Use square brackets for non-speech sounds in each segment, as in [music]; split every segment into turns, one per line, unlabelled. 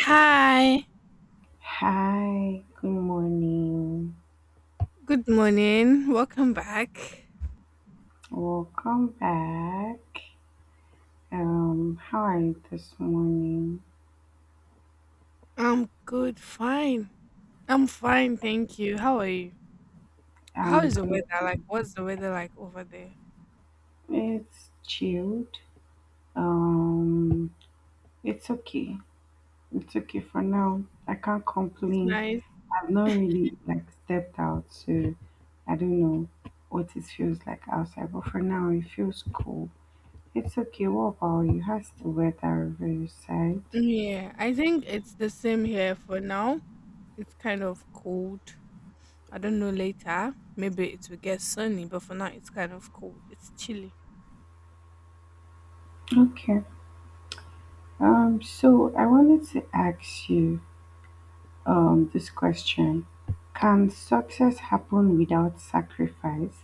Hi,
Hi, good morning.
good morning. Welcome back.
Welcome back. How are you this morning?
I'm good, fine. I'm fine, thank you. How are you? How
I'm
is the
good.
weather like? What's the weather like over there?
It's chilled. Um, it's okay. It's okay for now. I can't
It's
complain.
nice.
I've not really like stepped out, so I don't know what it feels like outside. But for now, it feels cool. It's okay. What about you? How's the weather over your side?
Yeah, I think it's the same here for now. It's kind of cold. I don't know later. Maybe it will get sunny, but for now it's kind of cold. It's chilly.
Okay. So I wanted to ask you this question. Can success happen without sacrifice?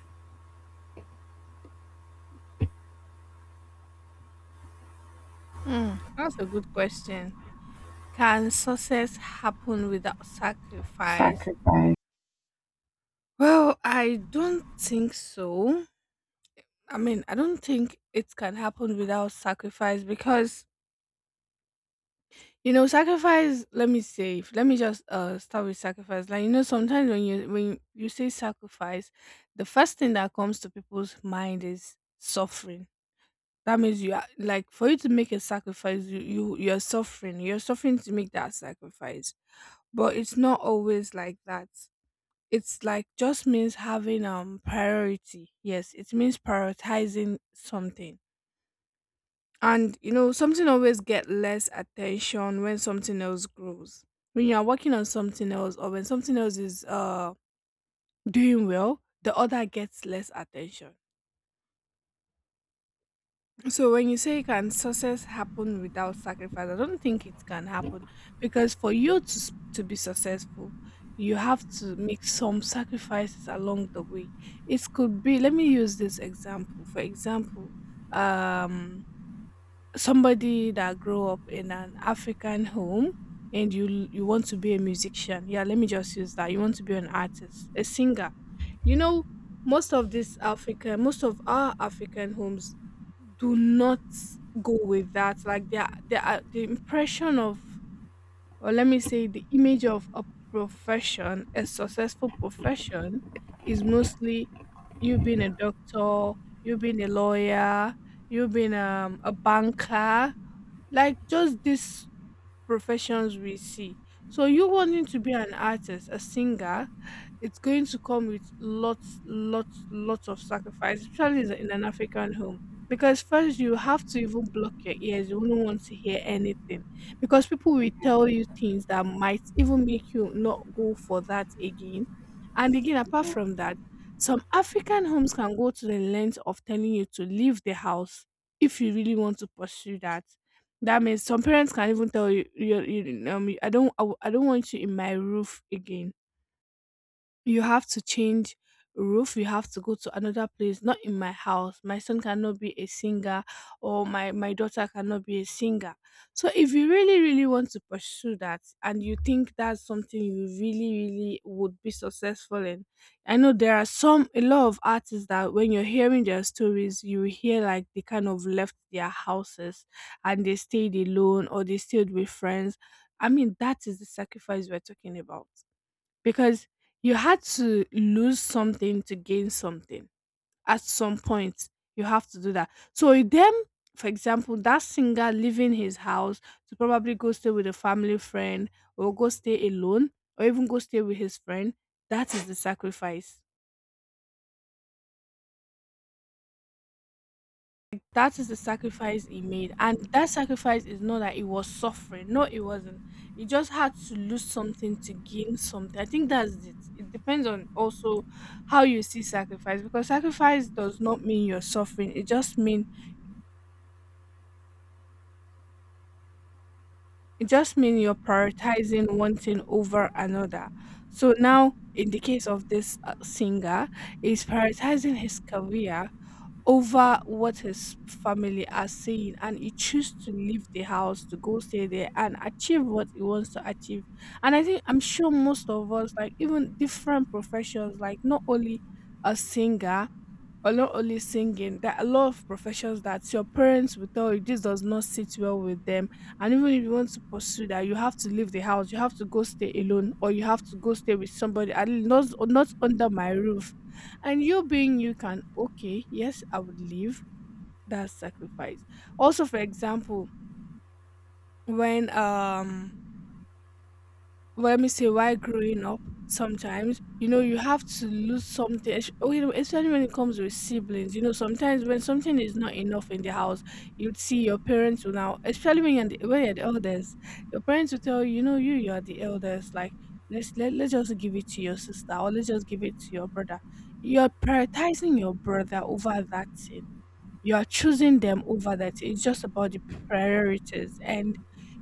Hmm, that's a good question. Can success happen without sacrifice?
Sacrifice.
Well, I don't think so. I mean, I don't think it can happen without sacrifice because you know sacrifice. Let me say, let me just start with sacrifice. Like you know, sometimes when you say sacrifice, the first thing that comes to people's mind is suffering. That means you are like for you to make a sacrifice, you're suffering. You're suffering to make that sacrifice, but it's not always like that. It's like just means having priority. Yes, it means prioritizing something. And you know, something always get less attention when something else grows. When you are working on something else or when something else is doing well, the other gets less attention. So when you say can success happen without sacrifice, I don't think it can happen because for you to to be successful, you have to make some sacrifices along the way. It could be, let me use this example. For example, um somebody that grew up in an African home and you want to be a musician. Yeah, let me just use that. You want to be an artist, a singer. You know, most of this African, most of our African homes do not go with that. Like they are the impression of, or let me say, the image of a profession, a successful profession, is mostly you being a doctor, you being a lawyer, you being a banker, like just these professions we see. So you wanting to be an artist, a singer, it's going to come with lots, lots, lots of sacrifice, especially is in an African home. Because first you have to even block your ears. You wouldn't want to hear anything. Because people will tell you things that might even make you not go for that again. And again, apart
Yeah,
from that, some African homes can go to the length of telling you to leave the house if you really want to pursue that. That means some parents can even tell you, I don't, I don't want you in my roof again. You have to change roof, you have to go to another place, not in my house. My son cannot be a singer, or my daughter cannot be a singer. So if you really, really want to pursue that and you think that's something you really, really would be successful in, I know there are some a lot of artists that when you're hearing their stories, you hear like they kind of left their houses and they stayed alone or they stayed with friends. I mean, that is the sacrifice we're talking about because you had to lose something to gain something. At some point you have to do that. So with them, for example, that singer leaving his house to probably go stay with a family friend or go stay alone or even go stay with his friend, that is the sacrifice. That is the sacrifice he made. And that sacrifice is not that he was suffering. No, it wasn't. He just had to lose something to gain something. I think that's it. It depends on also how you see sacrifice, because sacrifice does not mean you're suffering. It just mean, it just mean you're prioritizing one thing over another. So now in the case of this singer, he's prioritizing his career over what his family are saying, and he choose to leave the house to go stay there and achieve what he wants to achieve. And I think I'm sure most of us, like, even different professions, like not only a singer, or not only singing, there are a lot of professions that your parents will tell you this does not sit well with them. And even if you want to pursue that, you have to leave the house, you have to go stay alone, or you have to go stay with somebody, and not under my roof. And you being, you can, okay, yes, I would leave. That sacrifice, also, for example, when well, let me say why growing up sometimes, you know, you have to lose something you know, especially when it comes with siblings. You know, sometimes when something is not enough in the house, you'd see your parents will now, especially when you're the eldest, your parents will tell you, you know, you you're the eldest, like, let's just give it to your sister or let's just give it to your brother. You're prioritizing your brother over that thing. You are choosing them over that. It's just about the priorities. And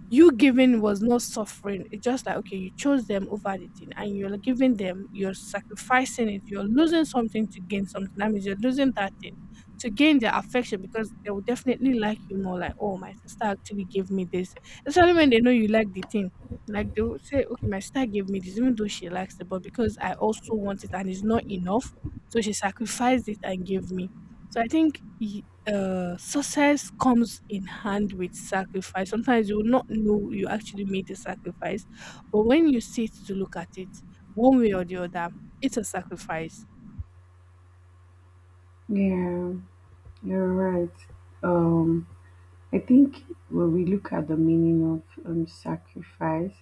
you giving was not suffering. It's just like, okay, you chose them over the thing and you're giving them, you're sacrificing it. You're losing something to gain something. That means you're losing that thing to gain their affection, because they will definitely like you more. Like, oh, my sister actually gave me this. Especially when they know you like the thing. Like they will say, okay, my sister gave me this, even though she likes it, but because I also want it and it's not enough, so she sacrificed it and gave me. So I think success comes in hand with sacrifice. Sometimes you will not know you actually made the sacrifice, but when you sit to look at it, one way or the other, it's a sacrifice.
yeah, you're right. Um, I think when we look at the meaning of sacrifice,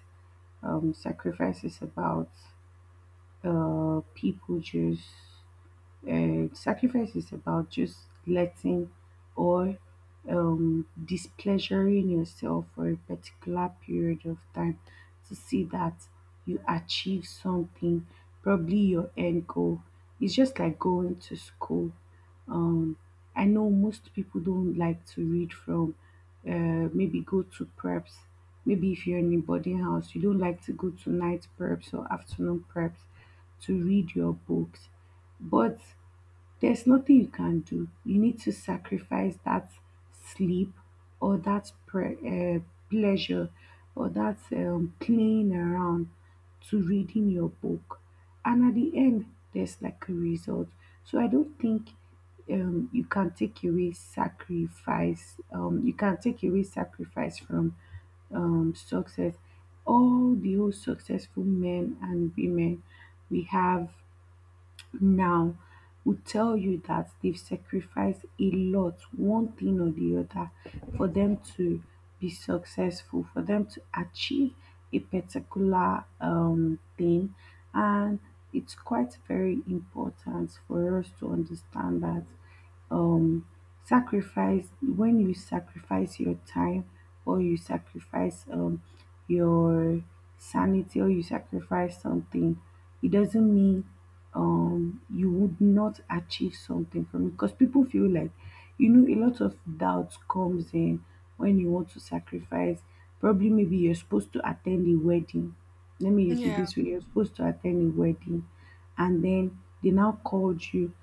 sacrifice is about people just sacrifice is about just letting or displeasuring yourself for a particular period of time to see that you achieve something, probably your end goal. It's just like going to school. I know most people don't like to read from, maybe go to preps. Maybe if you're in a boarding house, you don't like to go to night preps or afternoon preps to read your books. But there's nothing you can do. You need to sacrifice that sleep or that pleasure or that playing around to reading your book. And at the end, there's like a result. So I don't think you can take away sacrifice. You can take away sacrifice from success. All the old successful men and women we have now would tell you that they've sacrificed a lot, one thing or the other, for them to be successful, for them to achieve a particular thing. And it's quite very important for us to understand that um sacrifice. When you sacrifice your time or you sacrifice your sanity, or you sacrifice something, it doesn't mean you would not achieve something from it, because people feel like, a lot of doubt comes in when you want to sacrifice. Probably maybe you're supposed to attend a wedding. Let me use it
Yeah.
this way. You're supposed to attend a wedding, and then they now called you,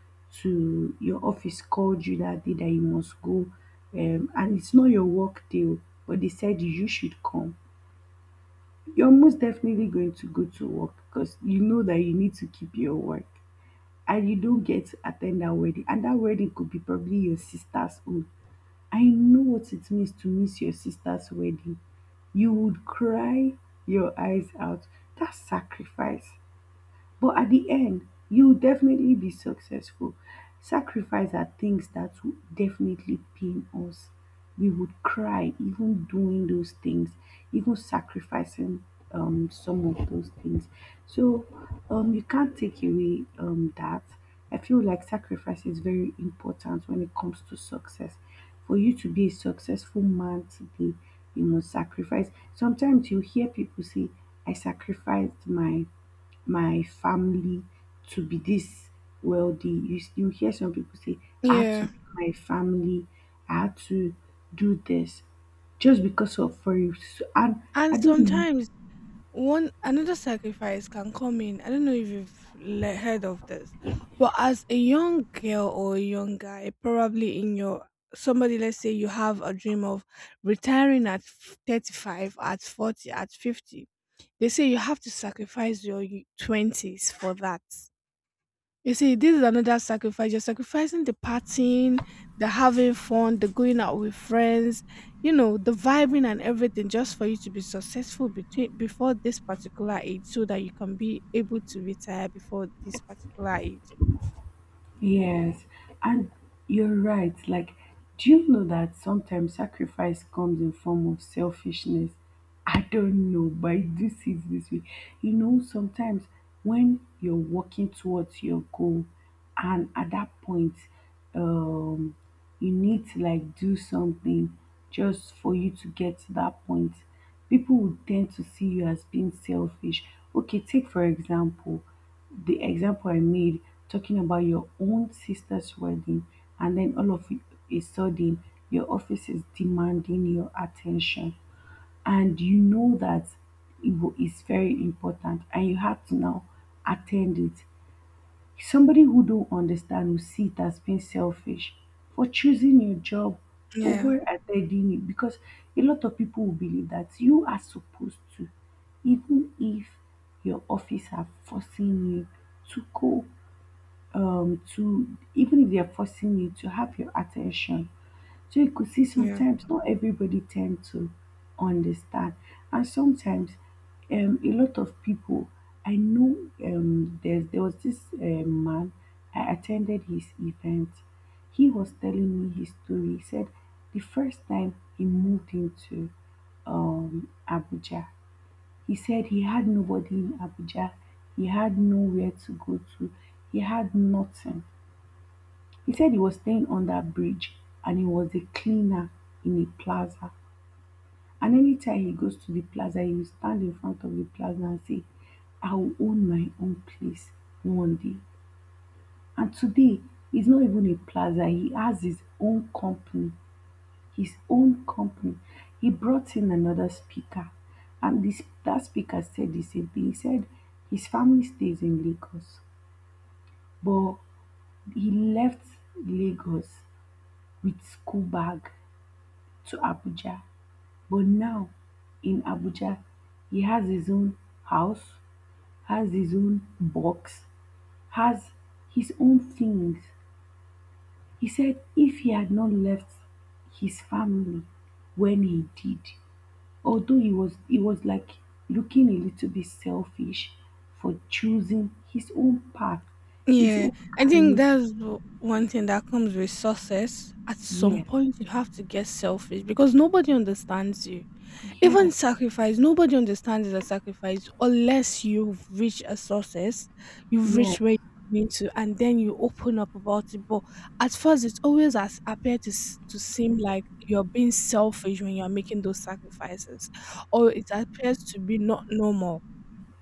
to your office called you that day, that you must go. And it's not your work day, oh, but they said you should come. You're most definitely going to go to work because you know that you need to keep your work, and you don't get to attend that wedding. And that wedding could be probably your sister's own. I know what it means to miss your sister's wedding. You would cry your eyes out. That's sacrifice. But at the end, you will definitely be successful. Sacrifice are things that will definitely pain us. We would cry even doing those things, even sacrificing some of those things. So, you can't take away that. I feel like sacrifice is very important when it comes to success. For you to be a successful man today, you must sacrifice. Sometimes you hear people say, I sacrificed my family to be this wealthy. You hear some people say, I had to
Yeah.
be my family, I had to do this just because of, for you. So, and I
And
don't know.
sometimes one another sacrifice can come in. I don't know if you've heard of this, but as a young girl or a young guy, probably in your somebody, let's say you have a dream of retiring at 35, at 40, at 50. They say you have to sacrifice your 20s for that. You see, this is another sacrifice. You're sacrificing the partying, the having fun, the going out with friends, you know, the vibing and everything, just for you to be successful between before this particular age so that you can be able to retire before this particular age.
Yes, and you're right. Like, do you know that sometimes sacrifice comes in form of selfishness? I don't know, but I do see it this way. You know, sometimes when you're working towards your goal, and at that point, um, you need to like do something just for you to get to that point. People would tend to see you as being selfish. Okay, take for example the example I made talking about your own sister's wedding, and then all of a sudden your office is demanding your attention, and you know that it is very important, and you have to now attend it. Somebody who don't understand will see it as being selfish, for choosing your job
Yeah,
over attending it, because a lot of people will believe that you are supposed to, even if your office are forcing you to go, to, even if they're forcing you to have your attention. So you could see,
yeah,
sometimes not everybody tend to understand. And sometimes, a lot of people I know, there was this man. I attended his event. He was telling me his story. He said the first time he moved into Abuja, he said he had nobody in Abuja, he had nowhere to go to, he had nothing. He said he was staying on that bridge, and he was a cleaner in a plaza. And anytime he goes to the plaza, he will stand in front of the plaza and say, I will own my own place one day. And today, it's not even a plaza, he has his own company, his own company. He brought in another speaker, and this that speaker said the same thing. He said his family stays in Lagos, but he left Lagos with school bag to Abuja. But now in Abuja, he has his own house, has his own box, has his own things. He said if he had not left his family when he did, although he was like looking a little bit selfish for choosing his own path, his
yeah.
own
I think
career.
that's one thing that comes with success. At some
Yes,
point, you have to get selfish because nobody understands you. Even
yes,
sacrifice, nobody understands the sacrifice unless you've reached a success, you've
yes,
reached where you need to, and then you open up about it. But at first, it always has appeared to, to seem like you're being selfish when you're making those sacrifices, or it appears to be not normal,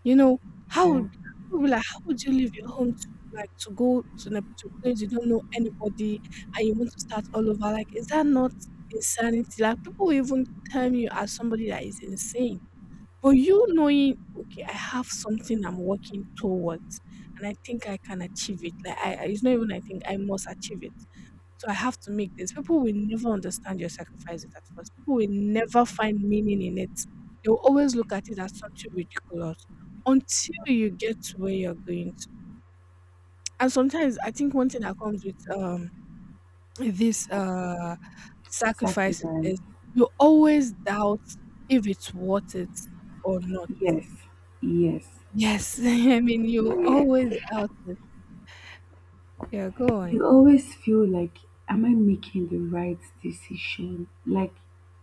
you know, how
yeah.
would, because people will be like, "How would you leave your home to, like, to go to the to a place you don't know anybody and you want to start all over?" Like, is that not insanity? Like, people will even term you as somebody that is insane. But you knowing, "Okay, I have something I'm working towards, and I think I can achieve it." Like, I it's not even I think, I must achieve it. So I have to make this. People will never understand your sacrifices at first. People will never find meaning in it. They will always look at it as something ridiculous until you get to where you're going to. And sometimes I think one thing that comes with this
Sac-
sacrifices
Sacrifice.
is you always doubt if it's worth it or not.
Yes, yes,
Yes, [laughs] I mean you always
yes.
doubt it. Yeah, go
You
on.
always feel like, am I making the right decision? Like,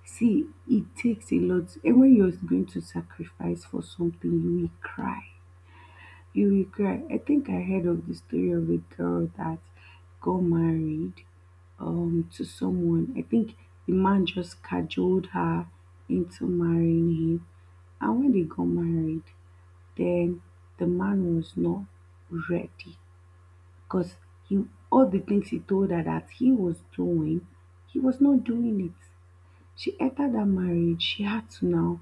see, it takes a lot. And when you're going to sacrifice for something, you will cry. You will cry. I think I heard of the story of a girl that got married to someone. I think the man just cajoled her into marrying him. And when they got married, then the man was not ready because, he all the things he told her that he was doing, he was not doing it. She entered that marriage. She had to now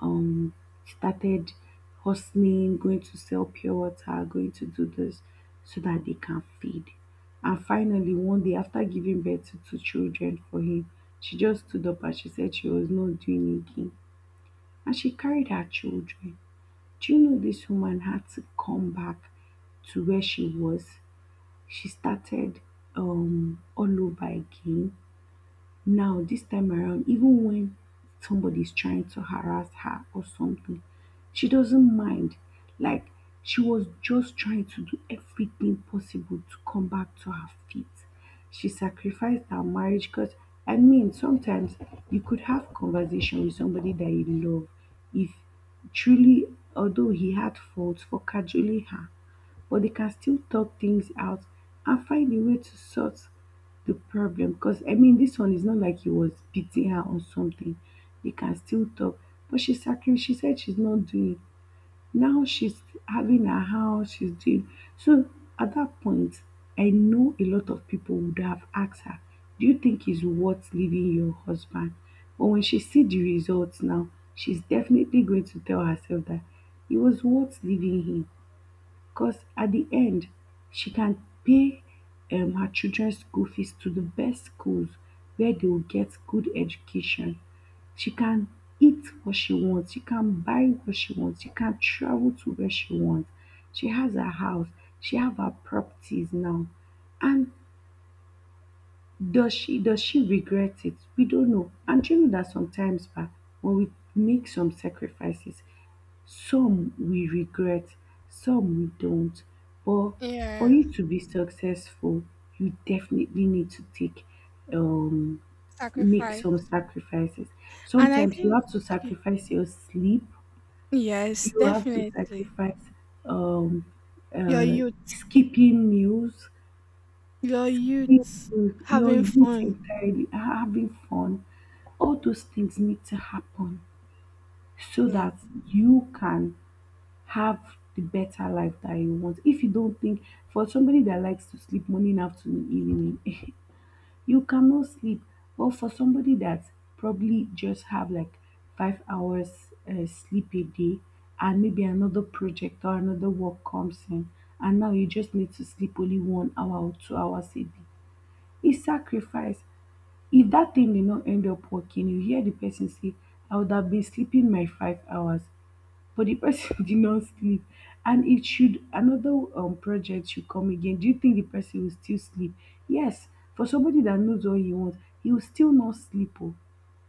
um started hustling, going to sell pure water, going to do this so that they can feed. And finally, one day after giving birth to two children for him, she just stood up and she said she was not doing it again. And she carried her children. Do you know this woman had to come back to where she was? She started all over again. Now this time around, even when somebody's trying to harass her or something, she doesn't mind. Like, she was just trying to do everything possible to come back to her feet. She sacrificed her marriage, because, I mean, sometimes you could have conversation with somebody that you love, if truly, although he had faults for cajoling her, but they can still talk things out and find a way to sort the problem. Because, I mean, this one is not like he was beating her or something. They can still talk. But she she said she's not doing. Now she's having her house, she's doing. So at that point, I know a lot of people would have asked her, do you think it's worth leaving your husband? But when she see the results now, she's definitely going to tell herself that it was worth leaving him, because at the end, she can pay her children's school fees to the best schools where they will get good education. She can eat what she wants, she can buy what she wants, she can travel to where she wants. She has her house, she have her properties now. And does she regret it? We don't know. And do you know that sometimes, but when we make some sacrifices, some we regret, some we don't. But for
Yeah.
you to be successful, you definitely need to take um make
Sacrifice.
some sacrifices.
And I
Sometimes you
think,
have to
okay.
sacrifice your sleep,
Yes,
you have to
definitely.
sacrifice, um
Your
uh
youth,
skipping meals,
your
you
youth
your
having
youth
fun.
entirely, having fun. All those things need to happen so
Yeah.
that you can have the better life that you want. If you don't think, for somebody that likes to sleep morning, afternoon, evening, [laughs] you cannot sleep. But for somebody that probably just have like 5 hours sleep a day, and maybe another project or another work comes in, and now you just need to sleep only one hour or 2 hours a day, it's sacrifice. If dat thing dey not end up working, you hear the person say, I would have been sleeping my 5 hours, but the person [laughs] did not sleep. And it should another project should come again, do you think the person will still sleep? Yes. For somebody that knows what he wants, he will still not sleep. Oh.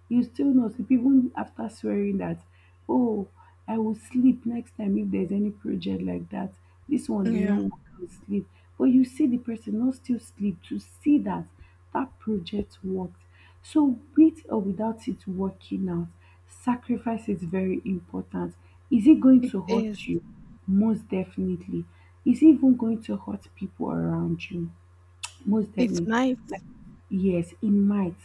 You still know, see, even after swearing that, oh, I will sleep next time if there's any project like that. This one did not
Yeah,
work, I will sleep. But you see the person not still sleep to see that that project worked. So with or without it working out, sacrifice is very important. Is it going
it
to hurt
is.
you? Most definitely. Is it even going to hurt people around you? Most
It's
definitely.
nice.
Yes, it might.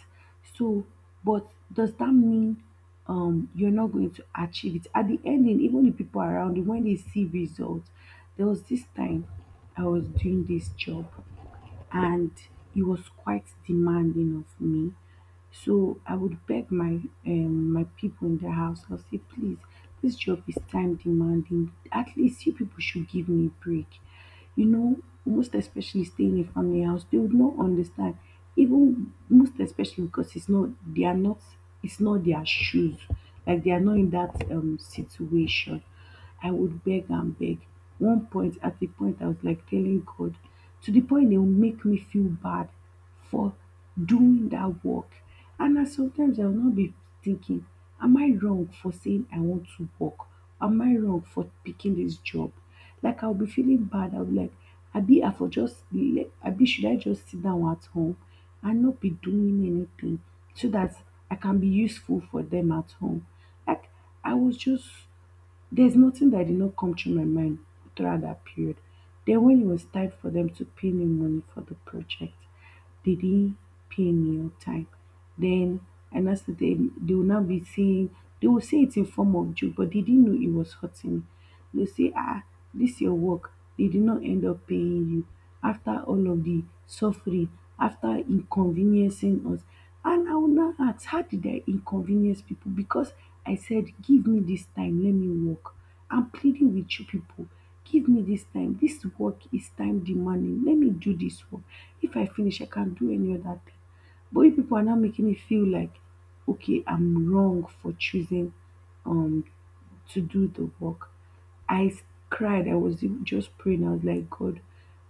So, but does that mean you're not going to achieve it? At the ending, even the people around you, when they see results, there was this time I was doing this job, and it was quite demanding of me. So I would beg my my people in the house. I'll say, please, this job is time demanding. At least you people should give me a break. You know, most especially staying in a family house, they would not understand. Even most especially because it's not their shoes. Like they are not in that situation. I would beg and beg. One point, at the point I was like telling God, to the point they will make me feel bad for doing that work. And na sometimes I will not be thinking, am I wrong for saying I want to work, am I wrong for picking this job? Like I will be feeling bad, I will be like abi I for just le, abi should I just sit down at home and not be doing anything so that I can be useful for them at home. Like I was just, there's nothing that did not come through my mind throughout that period. Then when it was time for them to pay me money for the project, they didn't pay me on time. Then, and that's that thing, they will now be saying, they will say it in form of joke, but they didn't know it was hurting me. You say, ah, this your work, they did not end up paying you after all of the suffering, after inconveniencing us. And I will now ask, how did I inconvenience people, because I said give me this time, let me work. I'm pleading with you people, give me this time, this work is time demanding, let me do this work. If I finish I can do any other thing. But you people are now making me feel like, okay, I'm wrong for choosing um to do the work. I s- cried. I was even just praying. I was like, God,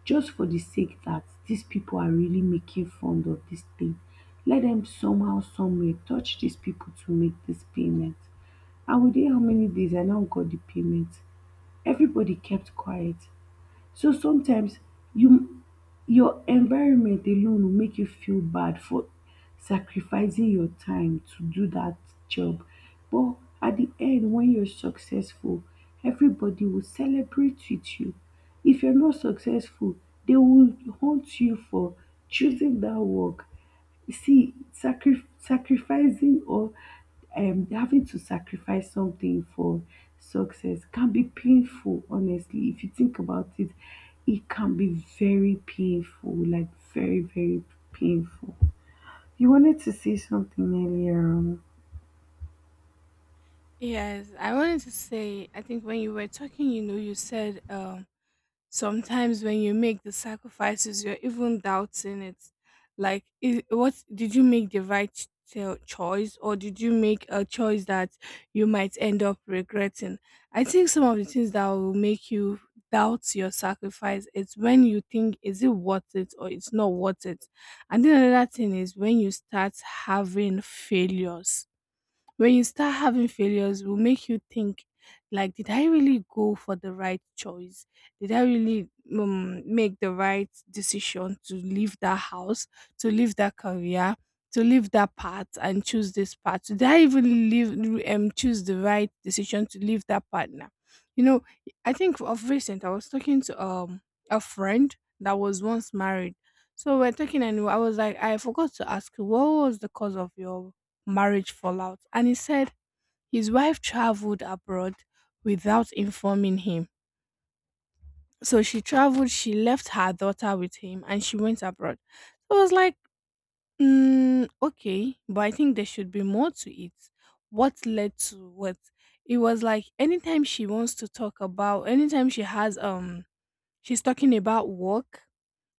just for the sake that these people are really making fun of this thing, let them somehow, someway touch these people to make this payment. And within how many days I now got the payment. Everybody kept quiet. So sometimes you, your environment alone will make you feel bad for sacrificing your time to do that job. But at the end, when you're successful, everybody will celebrate with you. If you're not successful, they will haunt you for choosing that work. You see, sacrificing, or having to sacrifice something for success can be painful, honestly. If you think about it, it can be very painful, like very, very painful. You wanted to say something earlier on.
Yes, I wanted to say, I think when you were talking, you know, you said, sometimes when you make the sacrifices you're even doubting it, like is what did you make the right choice, or did you make a choice that you might end up regretting? I think some of the things that will make you doubt your sacrifice is when you think is it worth it or it's not worth it. And then another thing is when you start having failures. When you start having failures, will make you think, like, did I really go for the right choice? Did I really make the right decision to leave that house, to leave that career, to leave that path and choose this path? Did I even leave, choose the right decision to leave that partner? You know, I think of recent I was talking to a friend that was once married. So we're talking and I was like, I forgot to ask you, what was the cause of your marriage fallout. And he said his wife traveled abroad without informing him. So she traveled, she left her daughter with him and she went abroad. So I was like, mm, okay, but I think there should be more to it. What led to what? It was like anytime she wants to talk about, anytime she has, she's talking about work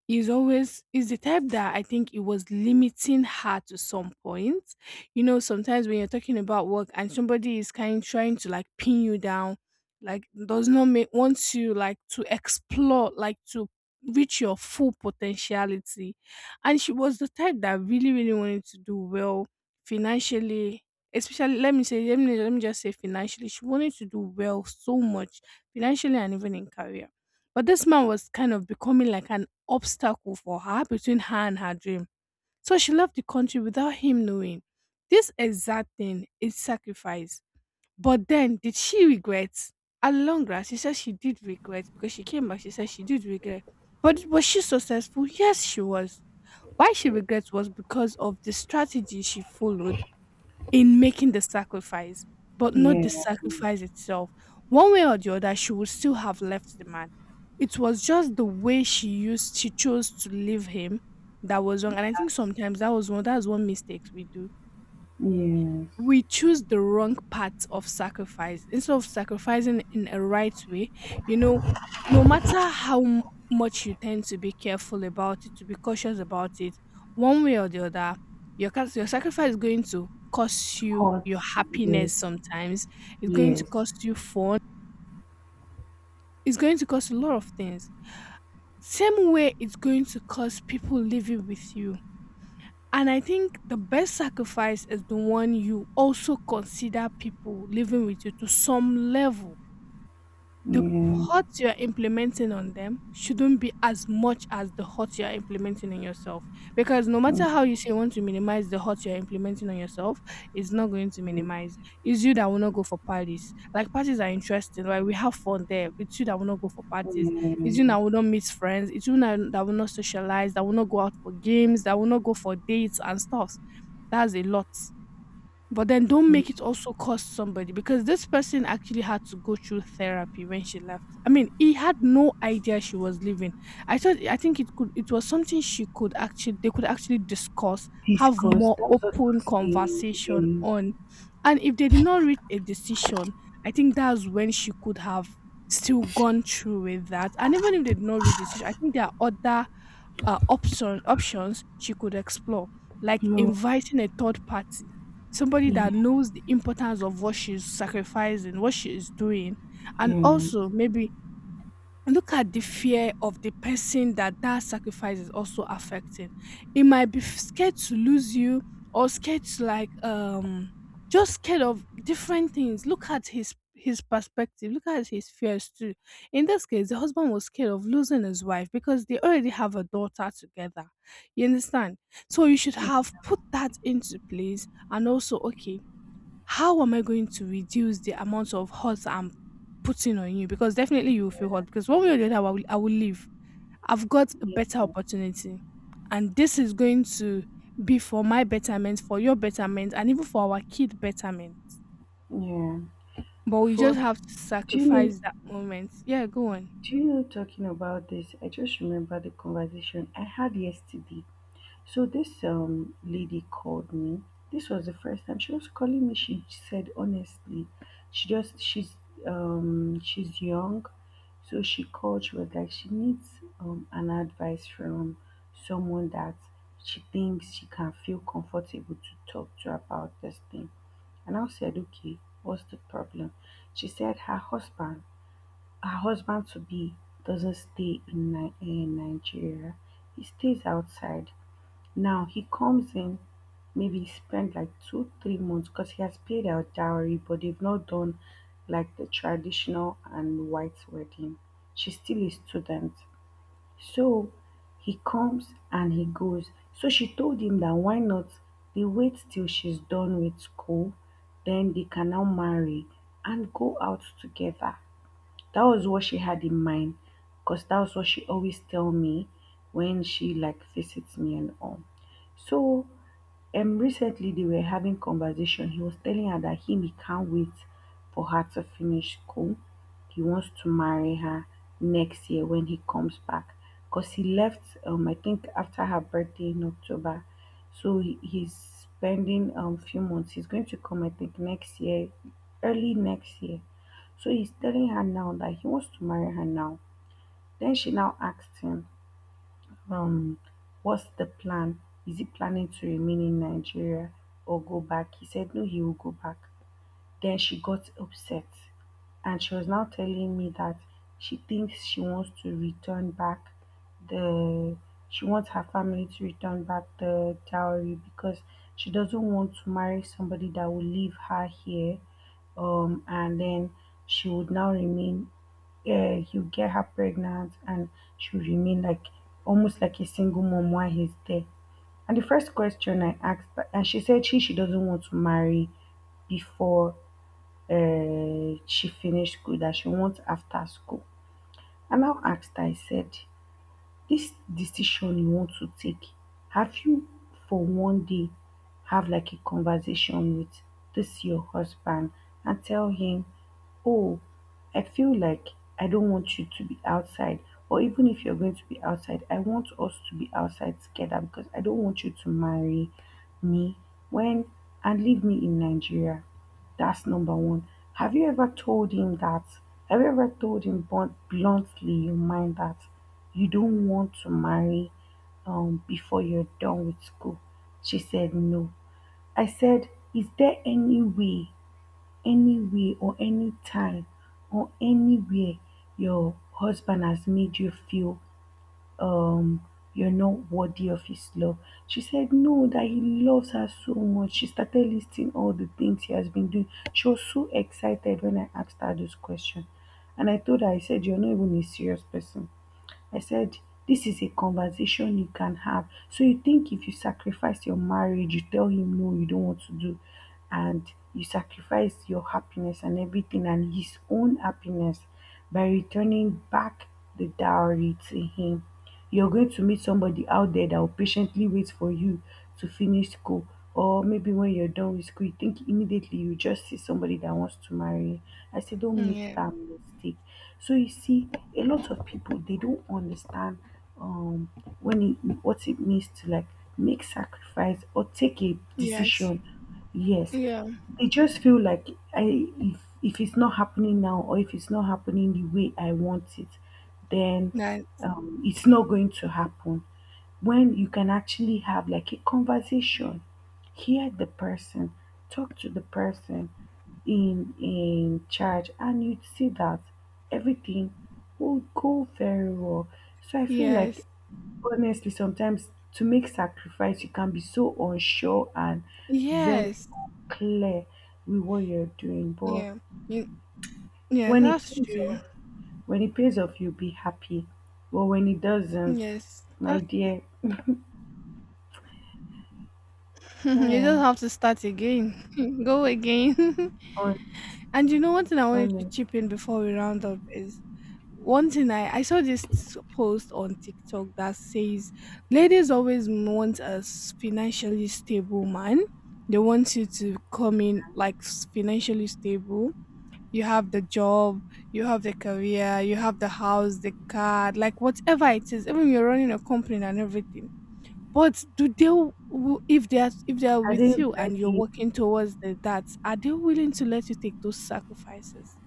is always is the type that I think it was limiting her to some point. You know, sometimes when you're talking about work and somebody is kind trying to like pin you down, like does not make wants you like to explore, like to reach your full potentiality. And she was the type that really, really wanted to do well financially. Especially, let me say, let me just say financially, she wanted to do well so much financially and even in career, but this man was kind of becoming like an obstacle for her between her and her dream. So she left the country without him knowing. This exact thing is sacrifice. But then, did she regret? At long run, she said she did regret because she came back. She said she did regret. But was she successful? Yes, she was. Why she regrets was because of the strategy she followed in making the sacrifice, but not the
Yeah,
sacrifice itself. One way or the other, she would still have left the man. It was just the way she used, she chose to leave him that was wrong. And I think sometimes that's one mistakes we do.
yes.
We choose the wrong path of sacrifice instead of sacrificing in a right way, you know, no matter how much you tend to be careful about it, to be cautious about it, one way or the other, your your sacrifice is going to cost you
Hot,
your happiness
yes,
sometimes. It's going to
yes,
cost you fun. It's going to cost a lot of things. Same way it's going to cost people living with you. And I think the best sacrifice is the one you also consider people living with you to some level. The
yeah,
hurt you're implementing on them shouldn't be as much as the hurt you're implementing on yourself. Because no matter
yes,
how you say you want to minimize the hurt you're implementing on yourself, it's not going to
yeah.
minimize. It's you that will not go for parties. Like parties are interesting. Like we have fun there. It's you that will not go for parties. It's you
Yeah.
that will not meet friends. It's you that will not socialize, that will not go out for games, that will not go for dates and stuff. That's a lot. But then don't make it also cost somebody, because this person actually had to go through therapy when she left. I mean, he had no idea she was leaving. I think it could, it was something she could actually, they could actually discuss, have
Disgust,
more
that was what I
open
was
conversation
saying.
on. And if they did not reach a decision, I think that's when she could have still gone through with that. And even if they did not reach decision, I think there are other options she could explore, like
Yeah,
inviting a third party, somebody that
love,
knows the importance of what she's sacrificing, what she is doing, and
yeah,
also maybe look at the fear of the person that that sacrifice is also affecting. It might be scared to lose you, or scared to like just scared of different things. Look at his perspective. Look at his fears too. In this case, the husband was scared of losing his wife because they already have a daughter together. You understand? So you should have put that into place and also, okay, how am I going to reduce the amount of hurt I'm putting on you? Because definitely you will feel hurt. Because one way or the other, I will leave. I've got a
yes,
better opportunity. And this is going to be for my betterment, for your betterment, and even for our kid betterment.
yeah.
But we
For,
just have to
do you know?
sacrifice that moment. Yeah, go on.
Do you know? Talking about this, I just remember the conversation I had yesterday. So this lady called me. This was the first time she was calling me. She said honestly, she just she's she's young, so she called. She was like she needs an advice from someone that she thinks she can feel comfortable to talk to about this thing. And I said, okay, what's the problem? She said her husband to be, doesn't stay in, in Nigeria. He stays outside. Now he comes in, maybe spend like two, three months because he has paid out dowry, but they've not done like the traditional and white wedding. She's still a student. So he comes and he goes. So she told him that why not they wait till she's done with school, then they can now marry and go out together. That was what she had in mind because that was what she always tell me when she like visits me and all. So recently they were having conversation. He was telling her that him he can't wait for her to finish school. He wants to marry her next year when he comes back. Because he left I think after her birthday in October. So he's spending few months. He's going to come I think next year, early next year. So he's telling her now that he wants to marry her now. Then she now asks him, um, what's the plan? Is he planning to remain in Nigeria or go back? He said no, he will go back. Then she got upset and she was now telling me that she thinks she wants to return back the, she wants her family to return back the dowry because she doesn't want to marry somebody that will leave her here, and then she would now remain, yeah, he'll get her pregnant and she'll remain like almost like a single mom while he's there. And the first question I asked, and she said she doesn't want to marry before she finished school, that she wants after school. I now asked her, I said, "This decision you want to take, have you for one day have like a conversation with this your husband and tell him, oh, I feel like I don't want you to be outside, or even if you're going to be outside I want us to be outside together, because I don't want you to marry me when, and leave me in Nigeria. That's number one. Have you ever told him that? Have you ever told him bluntly, you mind that you don't want to marry before you're done with school?" She said no. I said, is there any way, or any time, or anywhere your husband has made you feel um, you're not worthy of his love. She said, no, that he loves her so much. She started listing all the things he has been doing. She was so excited when I asked her this question. And I told her, I said, you're not even a serious person. I said, this is a conversation you can have. So you think if you sacrifice your marriage, you tell him no, you don't want to do, and you sacrifice your happiness and everything and his own happiness by returning back the dowry to him. You're going to meet somebody out there that will patiently wait for you to finish school. Or maybe when you're done with school, you think immediately you just see somebody that wants to marry you. I say, don't
Mm,
make
yeah.
that mistake. So you see, a lot of people they don't understand um when it, what it means to like make sacrifice or take a
Yes.
decision. Yes,
Yeah.
they just feel like I if it's not happening now or if it's not happening the way I want it, then
That.
it's not going to happen. When you can actually have like a conversation, hear the person, talk to the person in charge, and you'd see that everything will go very well. So I feel like
Yes.
honestly sometimes to make sacrifice you can be so unsure and very
Yes.
unclear with what you're doing, but
Yeah. You, yeah,
when it
that's
pays
true.
off, when it pays off you'll be happy, but when it doesn't,
Yes.
my dear,
[laughs] You
yeah,
just have to start again. [laughs] Go again. [laughs]
honest,
And you know, one thing I wanted to
honest.
chip in before we round up is one thing I saw this post on TikTok that says ladies always want a financially stable man. They want you to come in like financially stable. You have the job, you have the career, you have the house, the car, like whatever it is, even you're running a company and everything. But do they, if they're, if they're
Are they
with you and you're
ready?
working towards the, that, are they willing to let you take those sacrifices?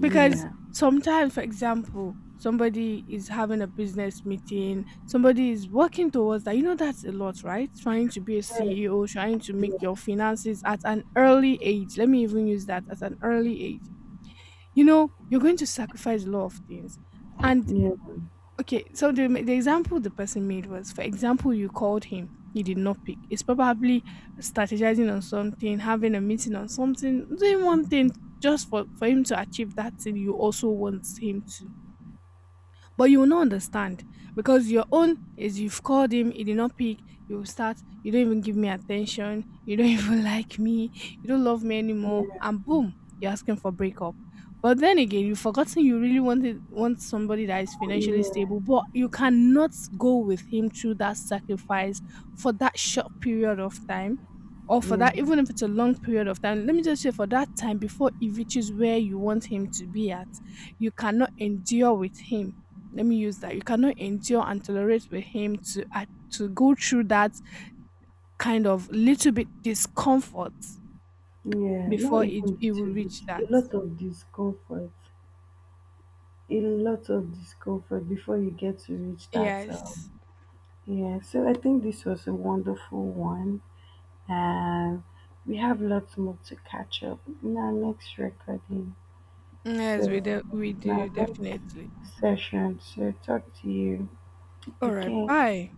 Because sometimes, for example, somebody is having a business meeting, somebody is working towards that. You know, that's a lot, right? Trying to be a
Yes.
CEO, trying to make your
Yes.
finances at an early age. Let me even use that at an early age. You know, you're going to sacrifice a lot of things, and
Yeah.
okay, so the example the person made was, for example, you called him, he did not pick. It's probably strategizing on something, having a meeting on something, doing one thing just for him to achieve that thing you also want him to. But you will not understand because your own is you've called him, he did not pick, you start, you don't even give me attention, you don't [laughs] even like me, you don't love me anymore,
Yeah.
and boom, you're asking for breakup. But then again, you've forgotten you really want somebody that is financially stable,
Yeah.
but you cannot go with him through that sacrifice for that short period of time, or for
Yeah.
that, even if it's a long period of time, let me just say for that time before he reaches where you want him to be at, you cannot endure with him, let me use that, you cannot endure and tolerate with him to go through that kind of little bit discomfort
Yeah. Not
before
even
it will
little
reach that.
bit. A lot of discomfort. A lot of discomfort before you get to reach that.
Yes.
Yeah. So I think this was a wonderful one, and we have lots more to catch up in our next recording.
Yes, we
So.
do, we
Na
do
next
definitely.
session. So talk to you
All right,
again.
bye.